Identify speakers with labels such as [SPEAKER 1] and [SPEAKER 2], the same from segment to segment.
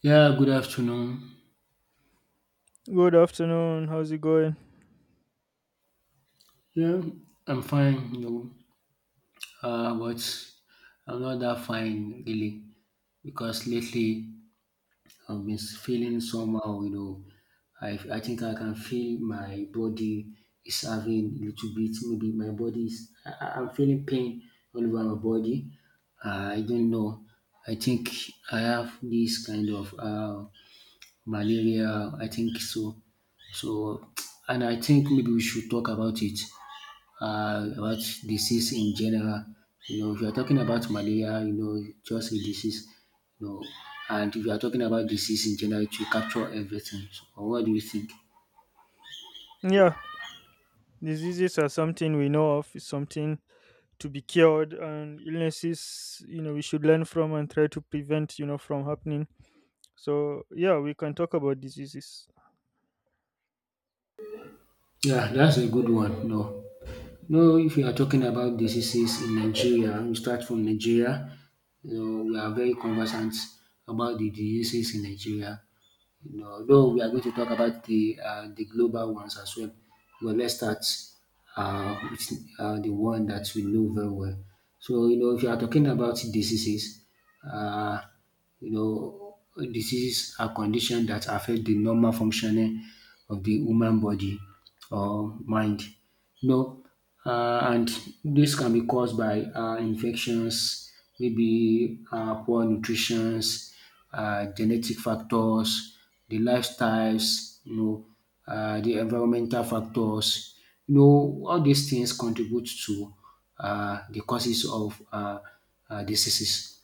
[SPEAKER 1] Yeah, good afternoon.
[SPEAKER 2] Good afternoon. How's it going?
[SPEAKER 1] Yeah, I'm fine, but I'm not that fine really because lately I've been feeling somehow. I think I can feel my body is having a little bit, maybe my body is, I'm feeling pain all over my body. I don't know. I think I have this kind of malaria, I think so. So, and I think maybe we should talk about it, about disease in general. You know, if you are talking about malaria, just a disease, you know, and if you are talking about disease in general, it will capture everything. So, what do you think?
[SPEAKER 2] Yeah, diseases are something we know of. It's something to be cured, and illnesses, you know, we should learn from and try to prevent, you know, from happening. So yeah, we can talk about diseases.
[SPEAKER 1] Yeah, that's a good one. No, no. If you are talking about diseases in Nigeria, we start from Nigeria. You know, we are very conversant about the diseases in Nigeria. You know, though we are going to talk about the global ones as well. But let's start with the one that we know very well. So, you know, if you are talking about diseases, uh, you know, diseases are conditions that affect the normal functioning of the human body or mind. No, uh, and this can be caused by infections, maybe poor nutrition, genetic factors, the lifestyles, the environmental factors. You know, all these things contribute to the causes of diseases.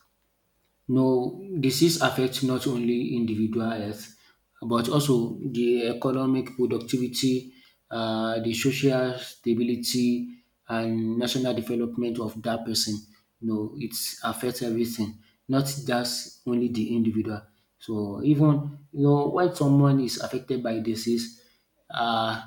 [SPEAKER 1] No, disease affects not only individual health, but also the economic productivity, the social stability, and national development of that person. No, it affects everything, not just only the individual. So even you know when someone is affected by disease, uh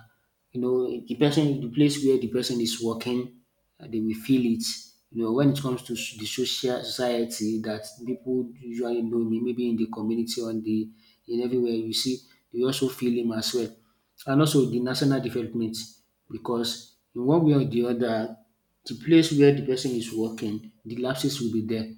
[SPEAKER 1] you know, the person, the place where the person is working, they will feel it. You know, when it comes to the social society that people usually know me, maybe in the community, on the in everywhere you see, they also feel him as well. And also the national development, because in one way or the other, the place where the person is working, the lapses will be there,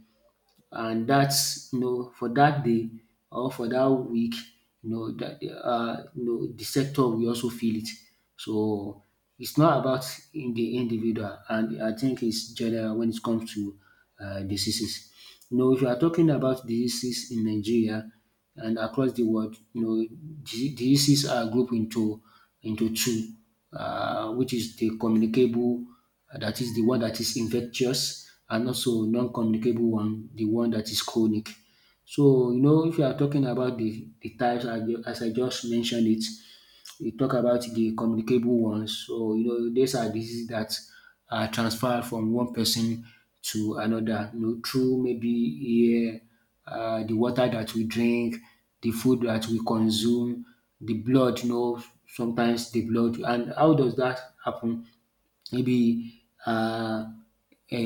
[SPEAKER 1] and that's you know for that day or for that week, you know that you know the sector will also feel it. So it's not about in the individual, and I think it's general when it comes to diseases. You know, if you are talking about diseases in Nigeria and across the world, you know, diseases are grouped into two, which is the communicable, that is the one that is infectious, and also non-communicable one, the one that is chronic. So, you know, if you are talking about the types as I just mentioned it, we talk about the communicable ones. So, you know, these are diseases that are transferred from one person to another, you know, through maybe air, the water that we drink, the food that we consume, the blood, you know, sometimes the blood. And how does that happen? Maybe uh, a,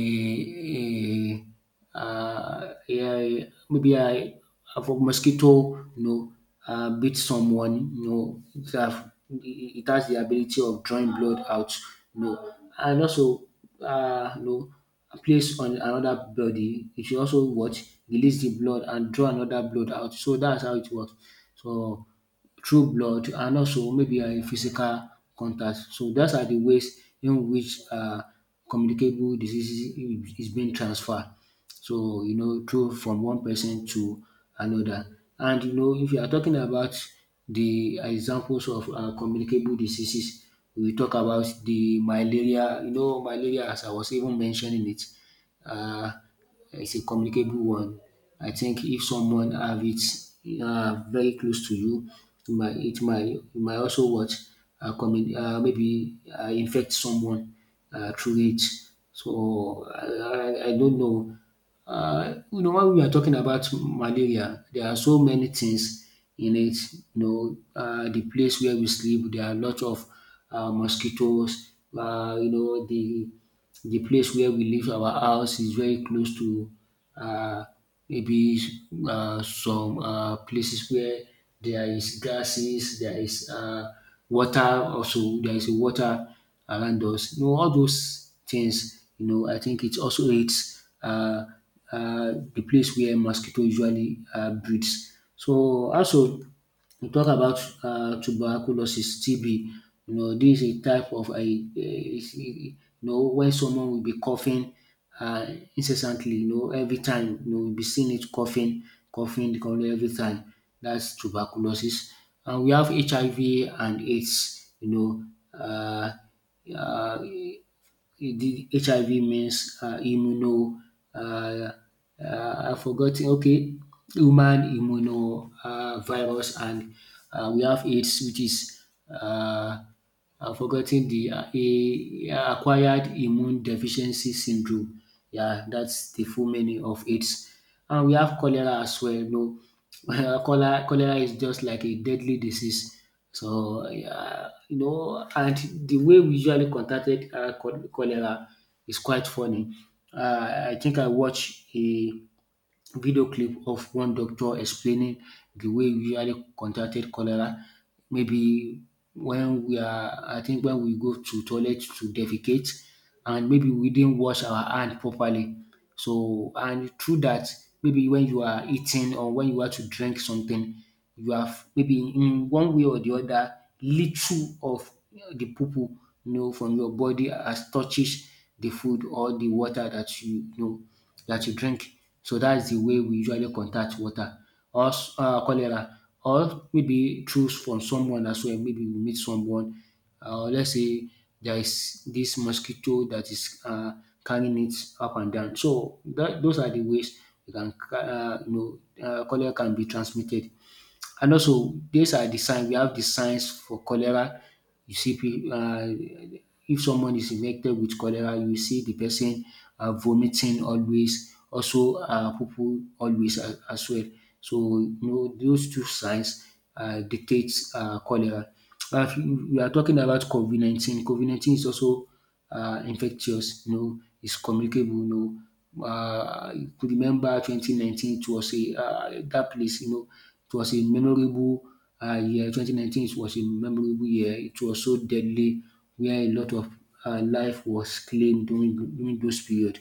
[SPEAKER 1] a, uh, a, maybe I, for mosquito, you know, bit someone, you know, it has the ability of drawing blood out, you know, and also, uh, you know, place on another body, it should also what release the blood and draw another blood out. So that's how it works. So through blood and also maybe physical contact. So those are de ways in which communicable diseases is being transferred. So you know through from one person to another. And you know if you are talking about de examples of communicable diseases, we talk about de malaria. You know malaria, as I was even mentioning it um it's a communicable one. I think if someone have it very close to you, it might also what commun- maybe infect someone through it. So I don't know. You know, when we are talking about malaria, there are so many things in it. You know, the place where we sleep, there are a lot of mosquitoes. You know, the place where we live, our house is very close to uh, maybe some places where there is grasses, there is water also, there is water around us. You know all those things, you know I think it also aids the place where mosquito usually breeds. So also we talk about tuberculosis, TB, you know this is a type of you know when someone will be coughing uh incessantly, you know every time you know you be seeing it coughing every time. That's tuberculosis. And we have HIV and AIDS, you know, uh the HIV means immuno uh, I've forgotten. Okay, human immuno virus, and we have AIDS, which is uh, I've forgotten the acquired immune deficiency syndrome. Yeah, that's the full meaning of AIDS. And we have cholera as well. You know, cholera is just like a deadly disease. So, yeah, you know, and the way we usually contacted cholera is quite funny. I think I watched a video clip of one doctor explaining the way we usually contracted cholera. Maybe I think when we go to toilet to defecate, and maybe we didn't wash our hand properly. So, and through that, maybe when you are eating or when you want to drink something, you have maybe in one way or the other little of the poo-poo, you know, from your body as touches the food or the water that you know that you drink. So that's the way we usually contact water or cholera, or maybe through from someone as well. Maybe we meet someone, let's say there is this mosquito that is carrying it up and down. So that, those are the ways you can, cholera can be transmitted. And also, these are the signs. We have the signs for cholera. You see, if someone is infected with cholera, you see the person vomiting always, also poo always as well. So, you know, those two signs dictates cholera. If you- We are talking about COVID 19. COVID 19 is also infectious, you know, it's communicable, you know. You could remember 2019, it was that place, you know, it was a memorable year. 2019, it was a memorable year. It was so deadly, where a lot of life was claimed during those period.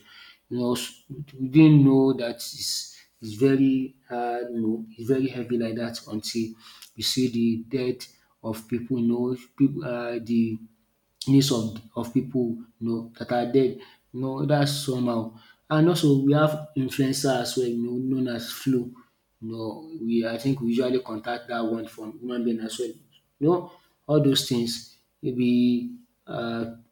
[SPEAKER 1] You know, we didn't know that it's very, it's very heavy like that until we see the death of people, you know, people, the needs of people, you know that are dead, you know dats somehow. And also we have influencer as well, you know, known as Flo. You know we I think we usually contact that one from human being as well. You know all those things maybe um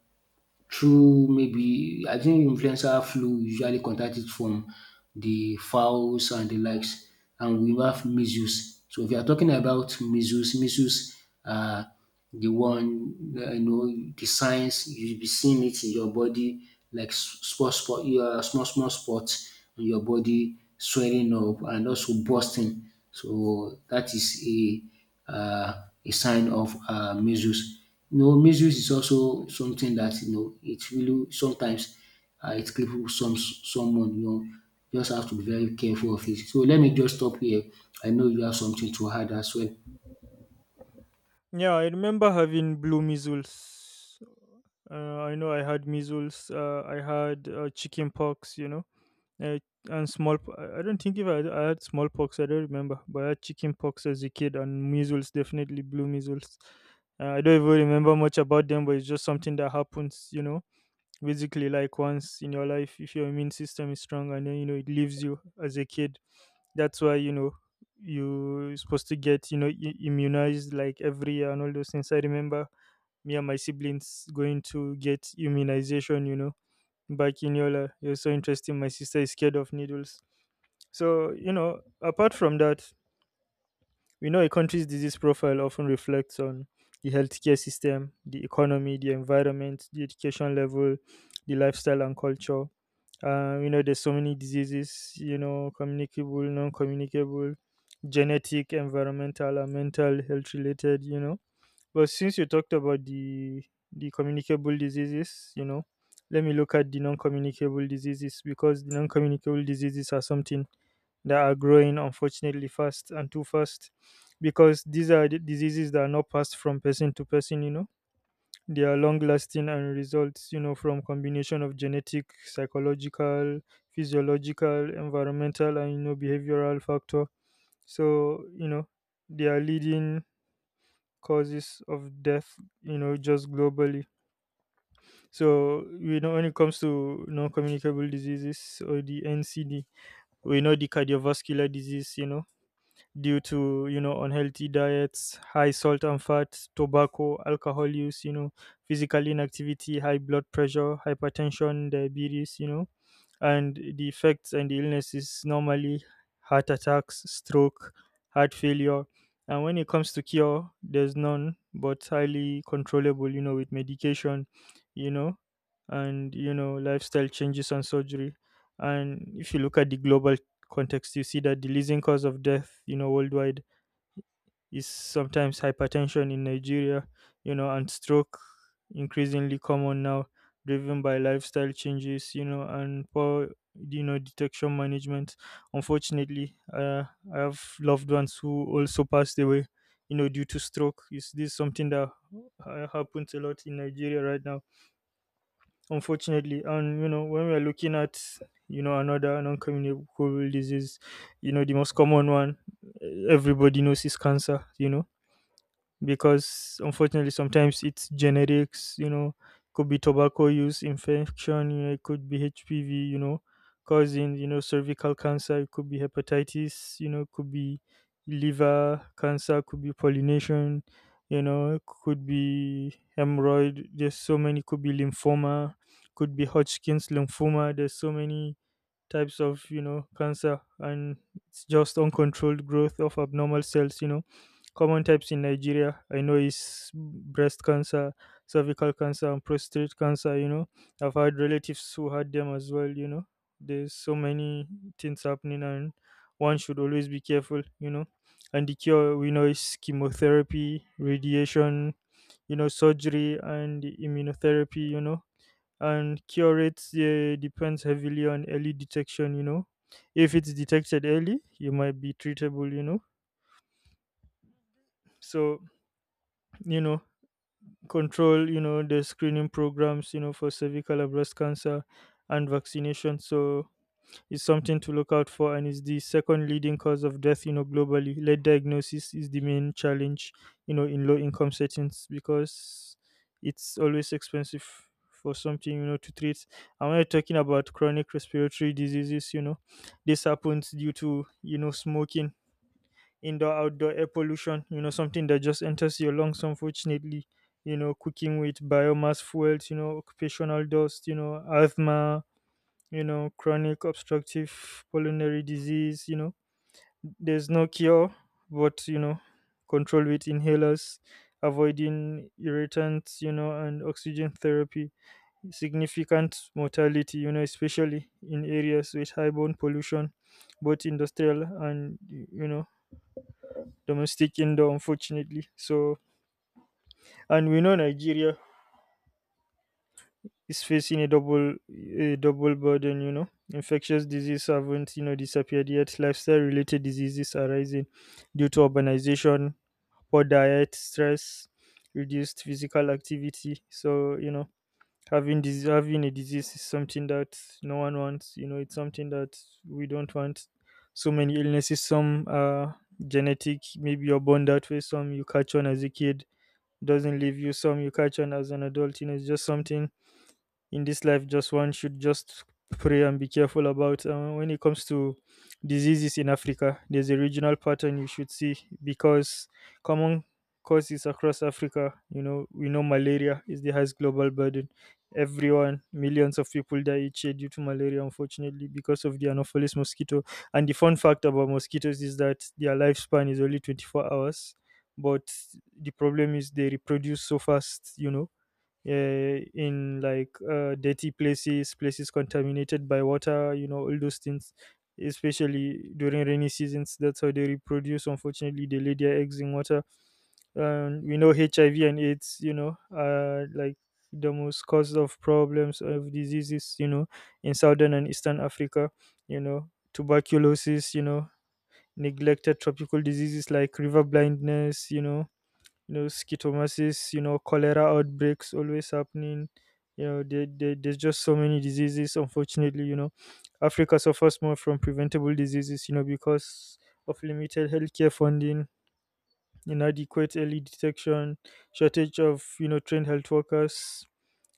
[SPEAKER 1] through maybe I think influencer flu usually contacted from the fowls and the likes, and we have measles. So if you are talking about measles, measles, uh, the one you know the signs you'll be seeing it in your body like small spot, your small spots on your body swelling up and also bursting. So that is a sign of measles. You know, misuse is also something that you know it really sometimes it cripples someone. You know, just have to be very careful of it. So let me just stop here. I know you have something to add as well.
[SPEAKER 2] Yeah, I remember having blue measles. Uh, I know I had measles. I had chicken pox, you know, uh, and small. I don't think if I had smallpox, I don't remember. But I had chicken pox as a kid, and measles, definitely blue measles. I don't even remember much about them, but it's just something that happens, you know, basically like once in your life if your immune system is strong, and then, you know, it leaves you as a kid. That's why, you know, you're supposed to get, you know, immunized like every year, and all those things. I remember me and my siblings going to get immunization, you know, back in Yola. It was so interesting, my sister is scared of needles. So, you know, apart from that, we know a country's disease profile often reflects on the healthcare system, the economy, the environment, the education level, the lifestyle and culture. You know, there's so many diseases, you know, communicable, non-communicable, genetic, environmental and mental health related, you know. But since you talked about the communicable diseases, you know, let me look at the non-communicable diseases, because the non-communicable diseases are something that are growing, unfortunately, fast and too fast, because these are the diseases that are not passed from person to person, you know. They are long lasting and results, you know, from combination of genetic, psychological, physiological, environmental and, you know, behavioral factor. So, you know, they are leading causes of death, you know, just globally. So, you know, when it comes to non-communicable diseases, or the ncd, we know the cardiovascular disease, you know, due to, you know, unhealthy diets, high salt and fat, tobacco, alcohol use, you know, physical inactivity, high blood pressure, hypertension, diabetes, you know. And the effects and the illnesses normally heart attacks, stroke, heart failure. And when it comes to cure, there's none, but highly controllable, you know, with medication, you know, and, you know, lifestyle changes and surgery. And if you look at the global context, you see that the leading cause of death, you know, worldwide is sometimes hypertension in Nigeria, you know, and stroke, increasingly common now, driven by lifestyle changes, you know, and poor, you know, detection management. Unfortunately, I have loved ones who also passed away, you know, due to stroke. Is this something that happens a lot in Nigeria right now? Unfortunately. And you know, when we are looking at, you know, another non-communicable disease, you know, the most common one, eh, everybody knows is cancer, you know, because unfortunately sometimes it's generics, you know. Could be tobacco use, infection, you know, it could be hpv, you know, causing, you know, cervical cancer. It could be hepatitis, you know, could be liver cancer, could be pollination, you know, could be hemorrhoid, there's so many, could be lymphoma, could be Hodgkin's lymphoma. There's so many types of, you know, cancer, and it's just uncontrolled growth of abnormal cells, you know. Common types in Nigeria, I know, is breast cancer, cervical cancer and prostate cancer, you know. I've had relatives who had them as well, you know. There's so many things happening, and one should always be careful, you know. And the cure, we know, is chemotherapy, radiation, you know, surgery and immunotherapy, you know. And cure rates, depends heavily on early detection, you know. If it's detected early, you might be treatable, you know. So, you know, control, you know, the screening programs, you know, for cervical and breast cancer, and vaccination. So, is something to look out for, and is the second leading cause of death, you know, globally. Late diagnosis is the main challenge, you know, in low income settings, because it's always expensive for something, you know, to treat. And when you're talking about chronic respiratory diseases, you know, this happens due to, you know, smoking, indoor outdoor air pollution, you know, something that just enters your lungs, unfortunately, you know, cooking with biomass fuels, you know, occupational dust, you know, asthma, you know, chronic obstructive pulmonary disease, you know. There's no cure, but, you know, control with inhalers, avoiding irritants, you know, and oxygen therapy. Significant mortality, you know, especially in areas with high bone pollution, both industrial and, you know, domestic indoor, unfortunately. So, and we know Nigeria is facing a double burden, you know. Infectious disease haven't, you know, disappeared yet. Lifestyle related diseases are rising due to urbanization, poor diet, stress, reduced physical activity. So, you know, having dis having a disease is something that no one wants, you know. It's something that we don't want. So many illnesses, some are genetic, maybe you're born that way, some you catch on as a kid, doesn't leave you, some you catch on as an adult, you know. It's just something in this life, just one should just pray and be careful about. When it comes to diseases in Africa, there's a regional pattern you should see, because common causes across Africa, you know, we know malaria is the highest global burden. Everyone, millions of people die each year due to malaria, unfortunately, because of the anopheles mosquito. And the fun fact about mosquitoes is that their lifespan is only 24 hours, but the problem is they reproduce so fast, you know, in like dirty places, places contaminated by water, you know, all those things, especially during rainy seasons. That's how they reproduce. Unfortunately, they lay their eggs in water. And we know HIV and AIDS, you know, are like the most cause of problems of diseases, you know, in southern and eastern Africa, you know, tuberculosis, you know, neglected tropical diseases like river blindness, you know, you know, schistosomes, you know, cholera outbreaks always happening, you know. There's just so many diseases, unfortunately, you know. Africa suffers more from preventable diseases, you know, because of limited healthcare funding, inadequate early detection, shortage of, you know, trained health workers,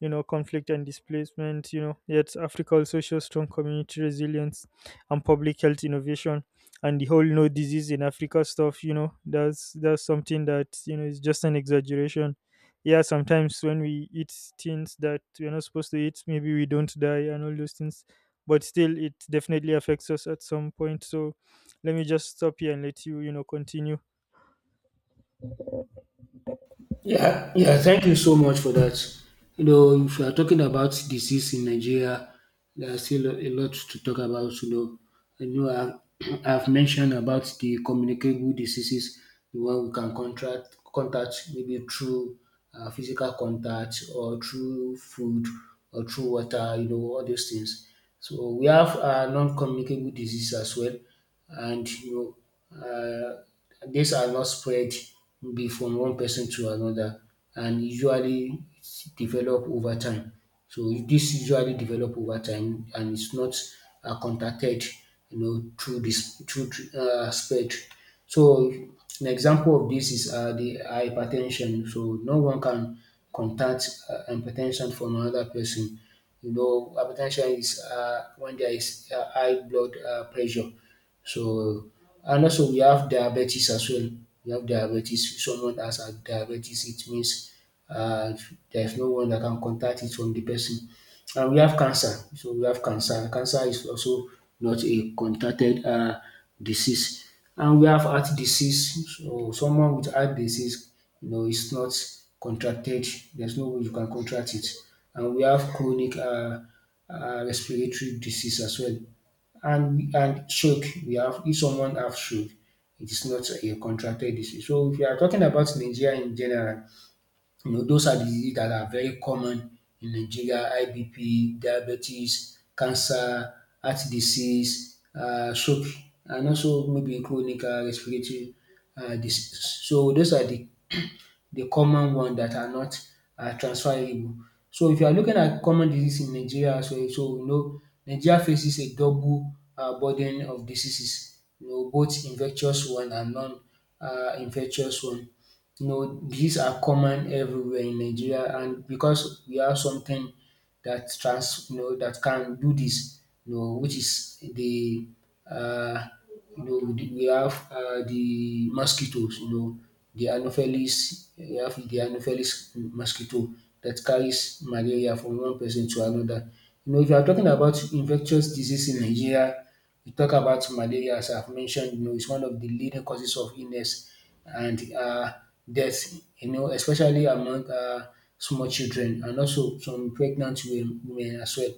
[SPEAKER 2] you know, conflict and displacement, you know. Yet Africa also shows strong community resilience and public health innovation. And the whole no disease in Africa stuff, you know, that's something that, you know, is just an exaggeration. Yeah, sometimes when we eat things that we're not supposed to eat, maybe we don't die and all those things, but still it definitely affects us at some point. So let me just stop here and let you, you know, continue.
[SPEAKER 1] Yeah, yeah, thank you so much for that. You know, if you are talking about disease in Nigeria, there are still a lot to talk about. You know, I know I've, I've mentioned about the communicable diseases, the one we can contact maybe through physical contact or through food or through water, you know, all those things. So we have non communicable disease as well, and you know, these are not spread be from one person to another, and usually develop over time. So this usually develop over time, and it's not contacted, you know, through spread. So an example of this is the hypertension. So no one can contact hypertension from another person. You know, hypertension is when there is high blood pressure. So and also we have diabetes as well. We have diabetes. If someone has a diabetes, it means uh, there's no one that can contact it from the person. And we have cancer. So we have cancer. Cancer is also not a contacted disease. And we have heart disease. So someone with heart disease, you know, is not contracted. There's no way you can contract it. And we have chronic respiratory disease as well. And should we have if someone have should, it is not a contracted disease. So if you are talking about Nigeria in general, you know those are diseases that are very common in Nigeria: high BP, diabetes, cancer, heart disease, stroke, and also maybe chronic respiratory diseases. So those are the common one that are not transferable. So if you are looking at common disease in Nigeria as well, so we know Nigeria faces a double burden of diseases, you know, both infectious one and non infectious one. You know, these are common everywhere in Nigeria, and because we have something that you know, that can do this, you know, which is the, uh, you know, we have the mosquitoes, you know, the Anopheles, we have the Anopheles mosquito that carries malaria from one person to another. You know, if you are talking about infectious disease in Nigeria, we talk about malaria as I've mentioned, you know, it's one of the leading causes of illness and death, you know, especially among small children, and also some pregnant women as well.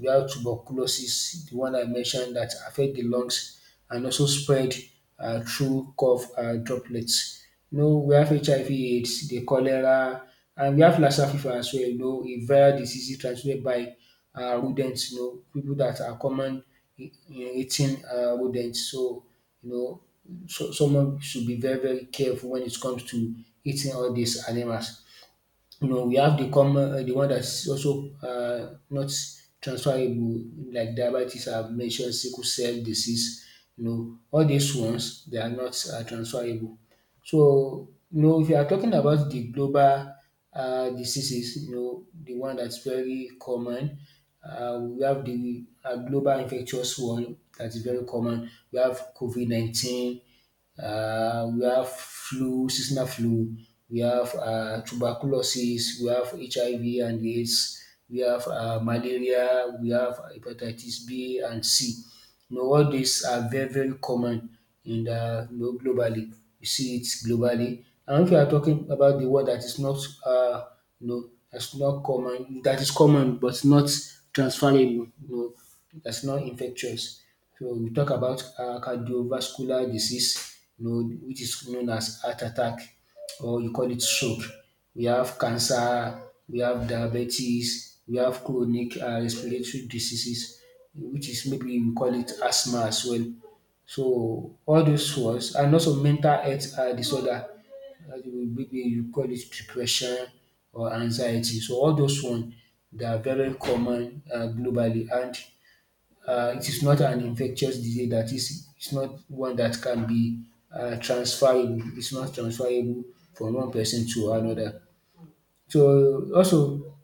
[SPEAKER 1] We have tuberculosis, the one I mentioned that affect the lungs and also spread through cough droplets. You know, we have HIV AIDS, the cholera, and we have Lassa fever as well, you know, a viral disease transmitted by rodents, you know, people that are common in eating rodents. So, you know, so someone should be very, very careful when it comes to eating all these animals. You know, we have the common the one that's also not transferable, like diabetes I've mentioned, sickle cell disease. You know, all these ones they are not transferable. So, you know, if you are talking about the global diseases, you know, the one that's very common, we have the global infectious one that is very common. We have COVID 19. We have flu, seasonal flu. We have tuberculosis. We have HIV and AIDS. We have malaria. We have hepatitis B and C. You know, all these are very, very common in the you know, globally. You see it globally. And if you are talking about the one that is not, uh, you know, that's not common, that is common but not transferable, you know, that's not infectious. So we talk about cardiovascular disease, you know, which is known as heart attack, or you call it stroke. We have cancer, we have diabetes, we have chronic respiratory diseases, which is maybe we call it asthma as well. So all those ones, and also mental health disorder, maybe you call it depression or anxiety. So all those one, they are very common globally, and it is not an infectious disease. That is, it's not one that can be transferable, it's not transferable from one person to another. So also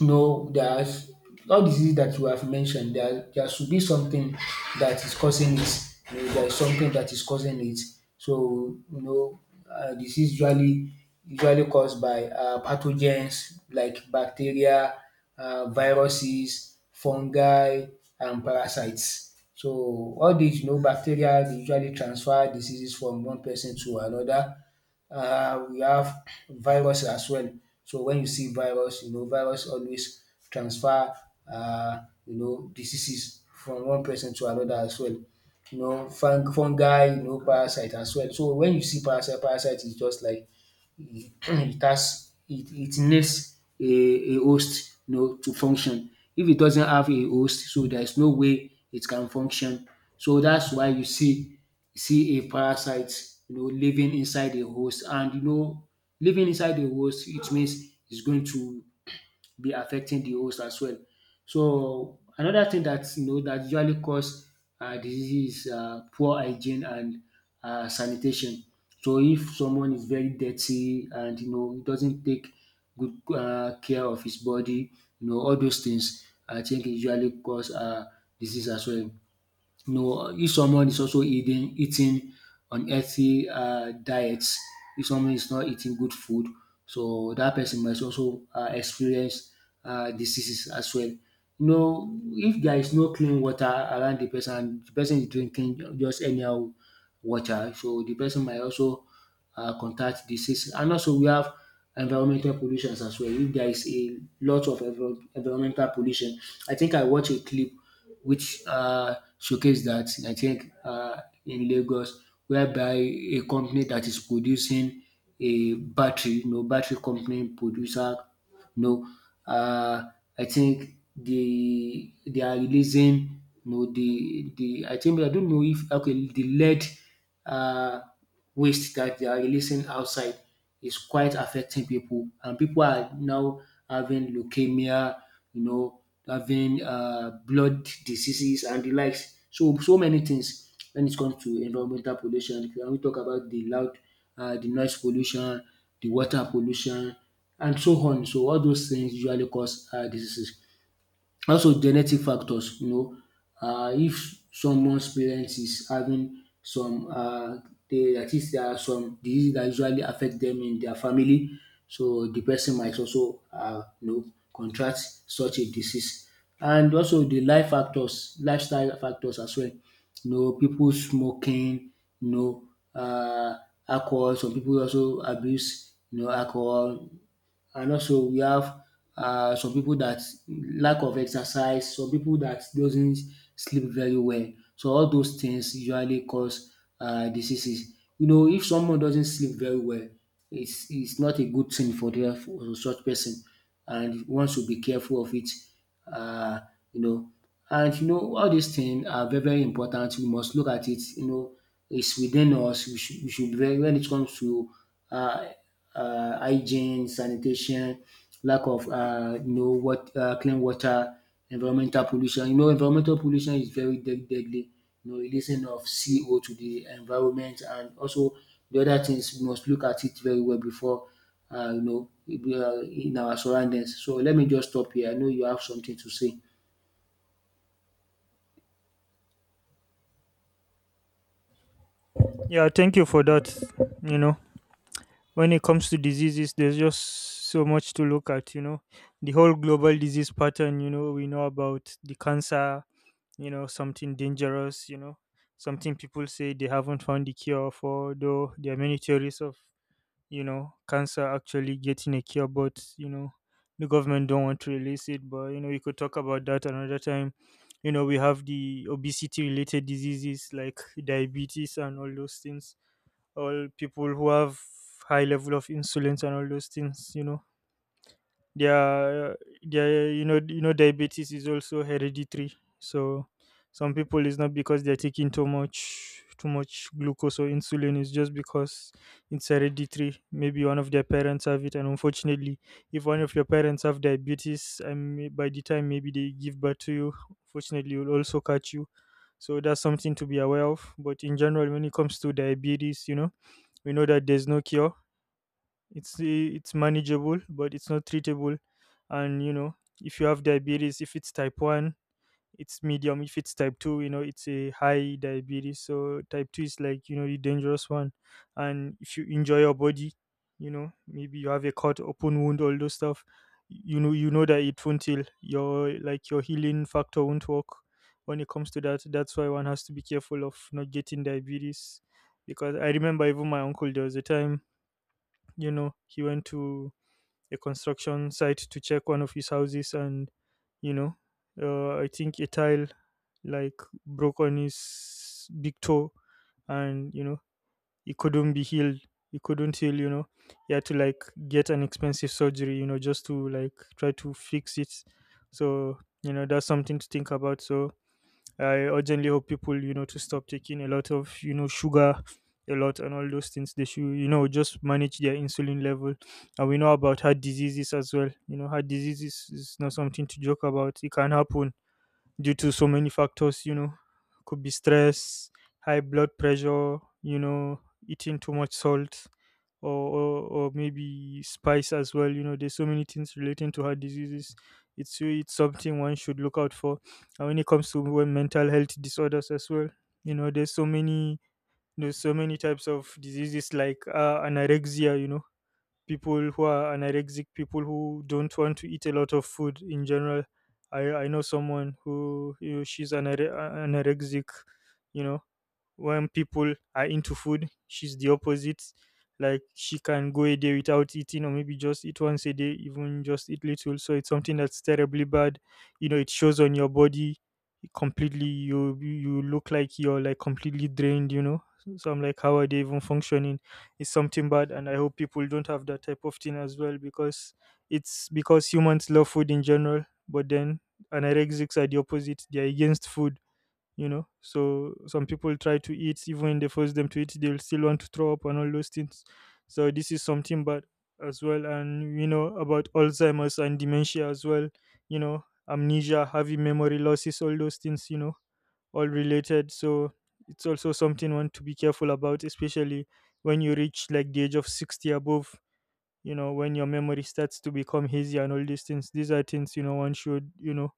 [SPEAKER 1] no, there's all diseases that you have mentioned, there should be something that is causing it. You know, there is something that is causing it. So, you know, disease usually caused by pathogens like bacteria, viruses, fungi, and parasites. So all these, you know, bacteria they usually transfer diseases from one person to another. We have virus as well. So when you see virus, you know virus always transfer uh, you know diseases from one person to another as well. You know fungi, you know parasite as well. So when you see parasite, parasite is just like it it has it it needs a host, you know, to function. If it doesn't have a host, so there is no way it can function. So that's why you see a parasite, you know, living inside a host, and you know, living inside a host, it means it's going to be affecting the host as well. So another thing that, you know, that usually cause diseases is poor hygiene and sanitation. So if someone is very dirty and you know doesn't take good care of his body, you know all those things I think e usually cause disease as well. You know, if someone is also eating unhealthy diets, if someone is not eating good food, so that person must also experience diseases as well. You know, if there is no clean water around the person, and the person is drinking just anyhow water, so the person might also contact disease. And also, we have environmental pollutions as well. If there is a lot of environmental pollution, I think I watched a clip which showcase that I think in Lagos, whereby a company that is producing a battery, you know, battery company producer, you know, uh, I think they are releasing, you know, the I think I don't know if okay the lead uh waste that they are releasing outside is quite affecting people, and people are now having leukemia, you know, having blood diseases and the likes. So so many things when it comes to environmental pollution. Can we talk about the noise pollution, the water pollution, and so on? So all those things usually cause diseases. Also genetic factors, you know, if someone's parents is having some dat is, there are some disease dat usually affect dem in their family, so de person might also you know contract such a disease. And also lifestyle factors as well, you know, pipu smoking, you know, um alcohol, some pipu also abuse, you know, alcohol, and also we have some people that lack of exercise, some people that doesn't sleep very well. So all those things usually cause diseases. You know if someone doesn't sleep very well, it's not a good thing for de for such person, and one should be careful of it. uh. You know, and you know all these things are very very important, we must look at it, you know, it's within us, we should be very when it comes to uh, hygiene, sanitation, lack of you know what, clean water, environmental pollution. You know environmental pollution is very de deadly, you know releasing of CO to the environment, and also the other things we must look at it very well before, you know, in our surroundings. So let me just stop here. I know you have something to say.
[SPEAKER 2] Yeah, thank you for that. You know, when it comes to diseases, there's just so much to look at. You know, the whole global disease pattern, you know, we know about the cancer, you know, something dangerous, you know, something people say they haven't found the cure for, though there are many theories of, you know, cancer actually getting a cure, but, you know, the government don't want to release it. But, you know, we could talk about that another time. You know, we have the obesity related diseases like diabetes and all those things. All people who have high level of insulin and all those things, you know, their their, you know, you know, diabetes is also hereditary. So some people is not because they're taking too much glucose or insulin, it's just because it's hereditary. Maybe one of their parents have it, and unfortunately, if one of your parents have diabetes, and by the time maybe they give birth to you, unfortunately, will also catch you. So that's something to be aware of. But in general, when it comes to diabetes, you know, we know that there's no cure. It's manageable but it's not treatable. And you know, if you have diabetes, if it's type 1, it's medium, if it's type 2, you know, it's a high diabetes. So type 2 is like, you know, the dangerous one. And if you injure your body, you know, maybe you have a cut, open wound, all those stuff, you know, you know that it won't heal. Your, like, your healing factor won't work when it comes to that. That's why one has to be careful of not getting diabetes. Because I remember even my uncle, there was a time, you know, he went to a construction site to check one of his houses, and you know, I think a tile, like, broke on his big toe, and you know, he couldn't be healed, he couldn't heal, you know. He had to, like, get an expensive surgery, you know, just to, like, try to fix it. So, you know, that's something to think about. So I urgently hope people, you know, to stop taking a lot of, you know, sugar, a lot and all those things. They should, just manage their insulin level. And we know about heart diseases as well. Heart diseases is not something to joke about. It can happen due to so many factors, could be stress, high blood pressure, you know, eating too much salt or maybe spice as well. There's so many things relating to heart diseases. It's something one should look out for. And when it comes to mental health disorders as well, you know, there's so many there's so many types of diseases like anorexia, people who are anorexic, people who don't want to eat a lot of food in general. I know someone who, she's anorexic. you know, when people are into food, she's the opposite. Like, she can go a day without eating, or maybe just eat once a day, even just eat little. So it's something that's terribly bad. It shows on your body completely. You look like you're like completely drained. So I'm like, how are they even functioning? It's something bad, and I hope people don't have that type of thing as well, because it's because humans love food in general. But then, anorexics are the opposite, they're against food. So some people try to eat, even when they force them to eat, they will still want to throw up and all those things. So this is something bad as well. And you know about Alzheimer's and dementia as well. you know Amnesia, having memory losses, all those things, all related. So it's also something one to be careful about, especially when you reach like the age of 60 above. When your memory starts to become hazy and all these things, these are things one should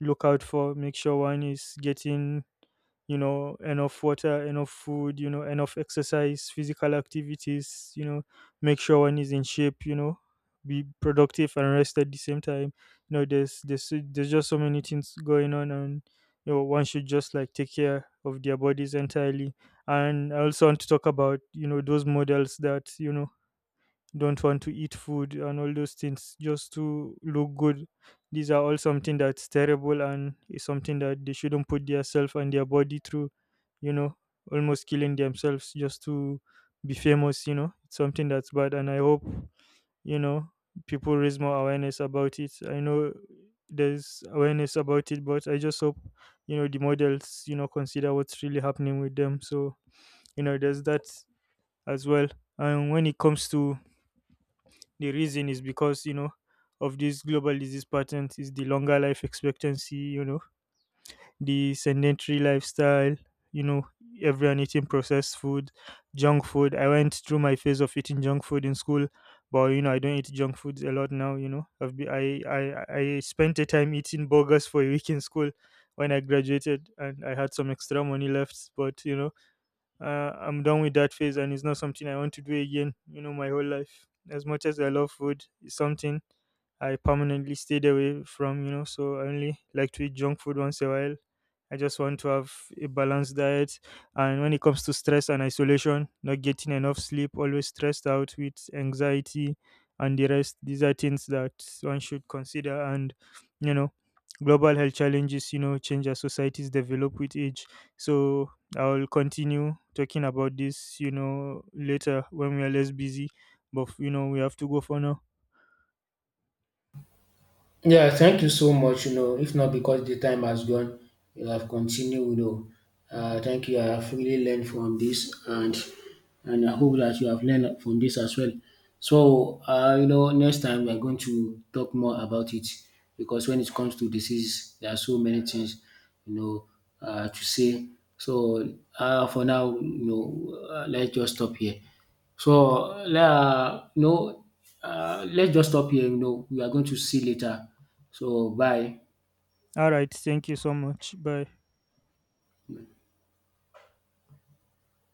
[SPEAKER 2] look out for. Make sure one is getting enough water, enough food, enough exercise, physical activities. Make sure one is in shape. Be productive and rest at the same time. There's just so many things going on. And one should just like take care of their bodies entirely. And I also want to talk about those models that don't want to eat food and all those things, just to look good. These are all something that's terrible and is something that they shouldn't put themselves and their body through, you know, almost killing themselves just to be famous. It's something that's bad, and I hope, you know, people raise more awareness about it. I know there's awareness about it, but I just hope, the models, consider what's really happening with them. So, there's that as well. And when it comes to, the reason is because, of these global disease patterns is the longer life expectancy, the sedentary lifestyle, you know, everyone eating processed food, junk food. I went through my phase of eating junk food in school, but I don't eat junk foods a lot now. I've been, I spent a time eating burgers for a week in school when I graduated, and I had some extra money left, but uh, I'm done with that phase, and it's not something I want to do again, my whole life. As much as I love food, it's something I permanently stayed away from, so I only like to eat junk food once in a while. I just want to have a balanced diet. And when it comes to stress and isolation, not getting enough sleep, always stressed out with anxiety and the rest, these are things that one should consider. And, you know, global health challenges, change as societies develop with age. So I'll continue talking about this, later when we are less busy. But, we have to go for now.
[SPEAKER 1] Yeah, thank you so much. You know, if not because the time has gone, you have continued. You know, thank you. I have really learned from this, and I hope that you have learned from this as well. So, you know, next time we are going to talk more about it, because when it comes to disease, there are so many things, you know, to say. So, for now, you know, let's just stop here. So, le no let's just stop here, you know, we are going to see later. So, bye.
[SPEAKER 2] All right. Thank you so much. Bye.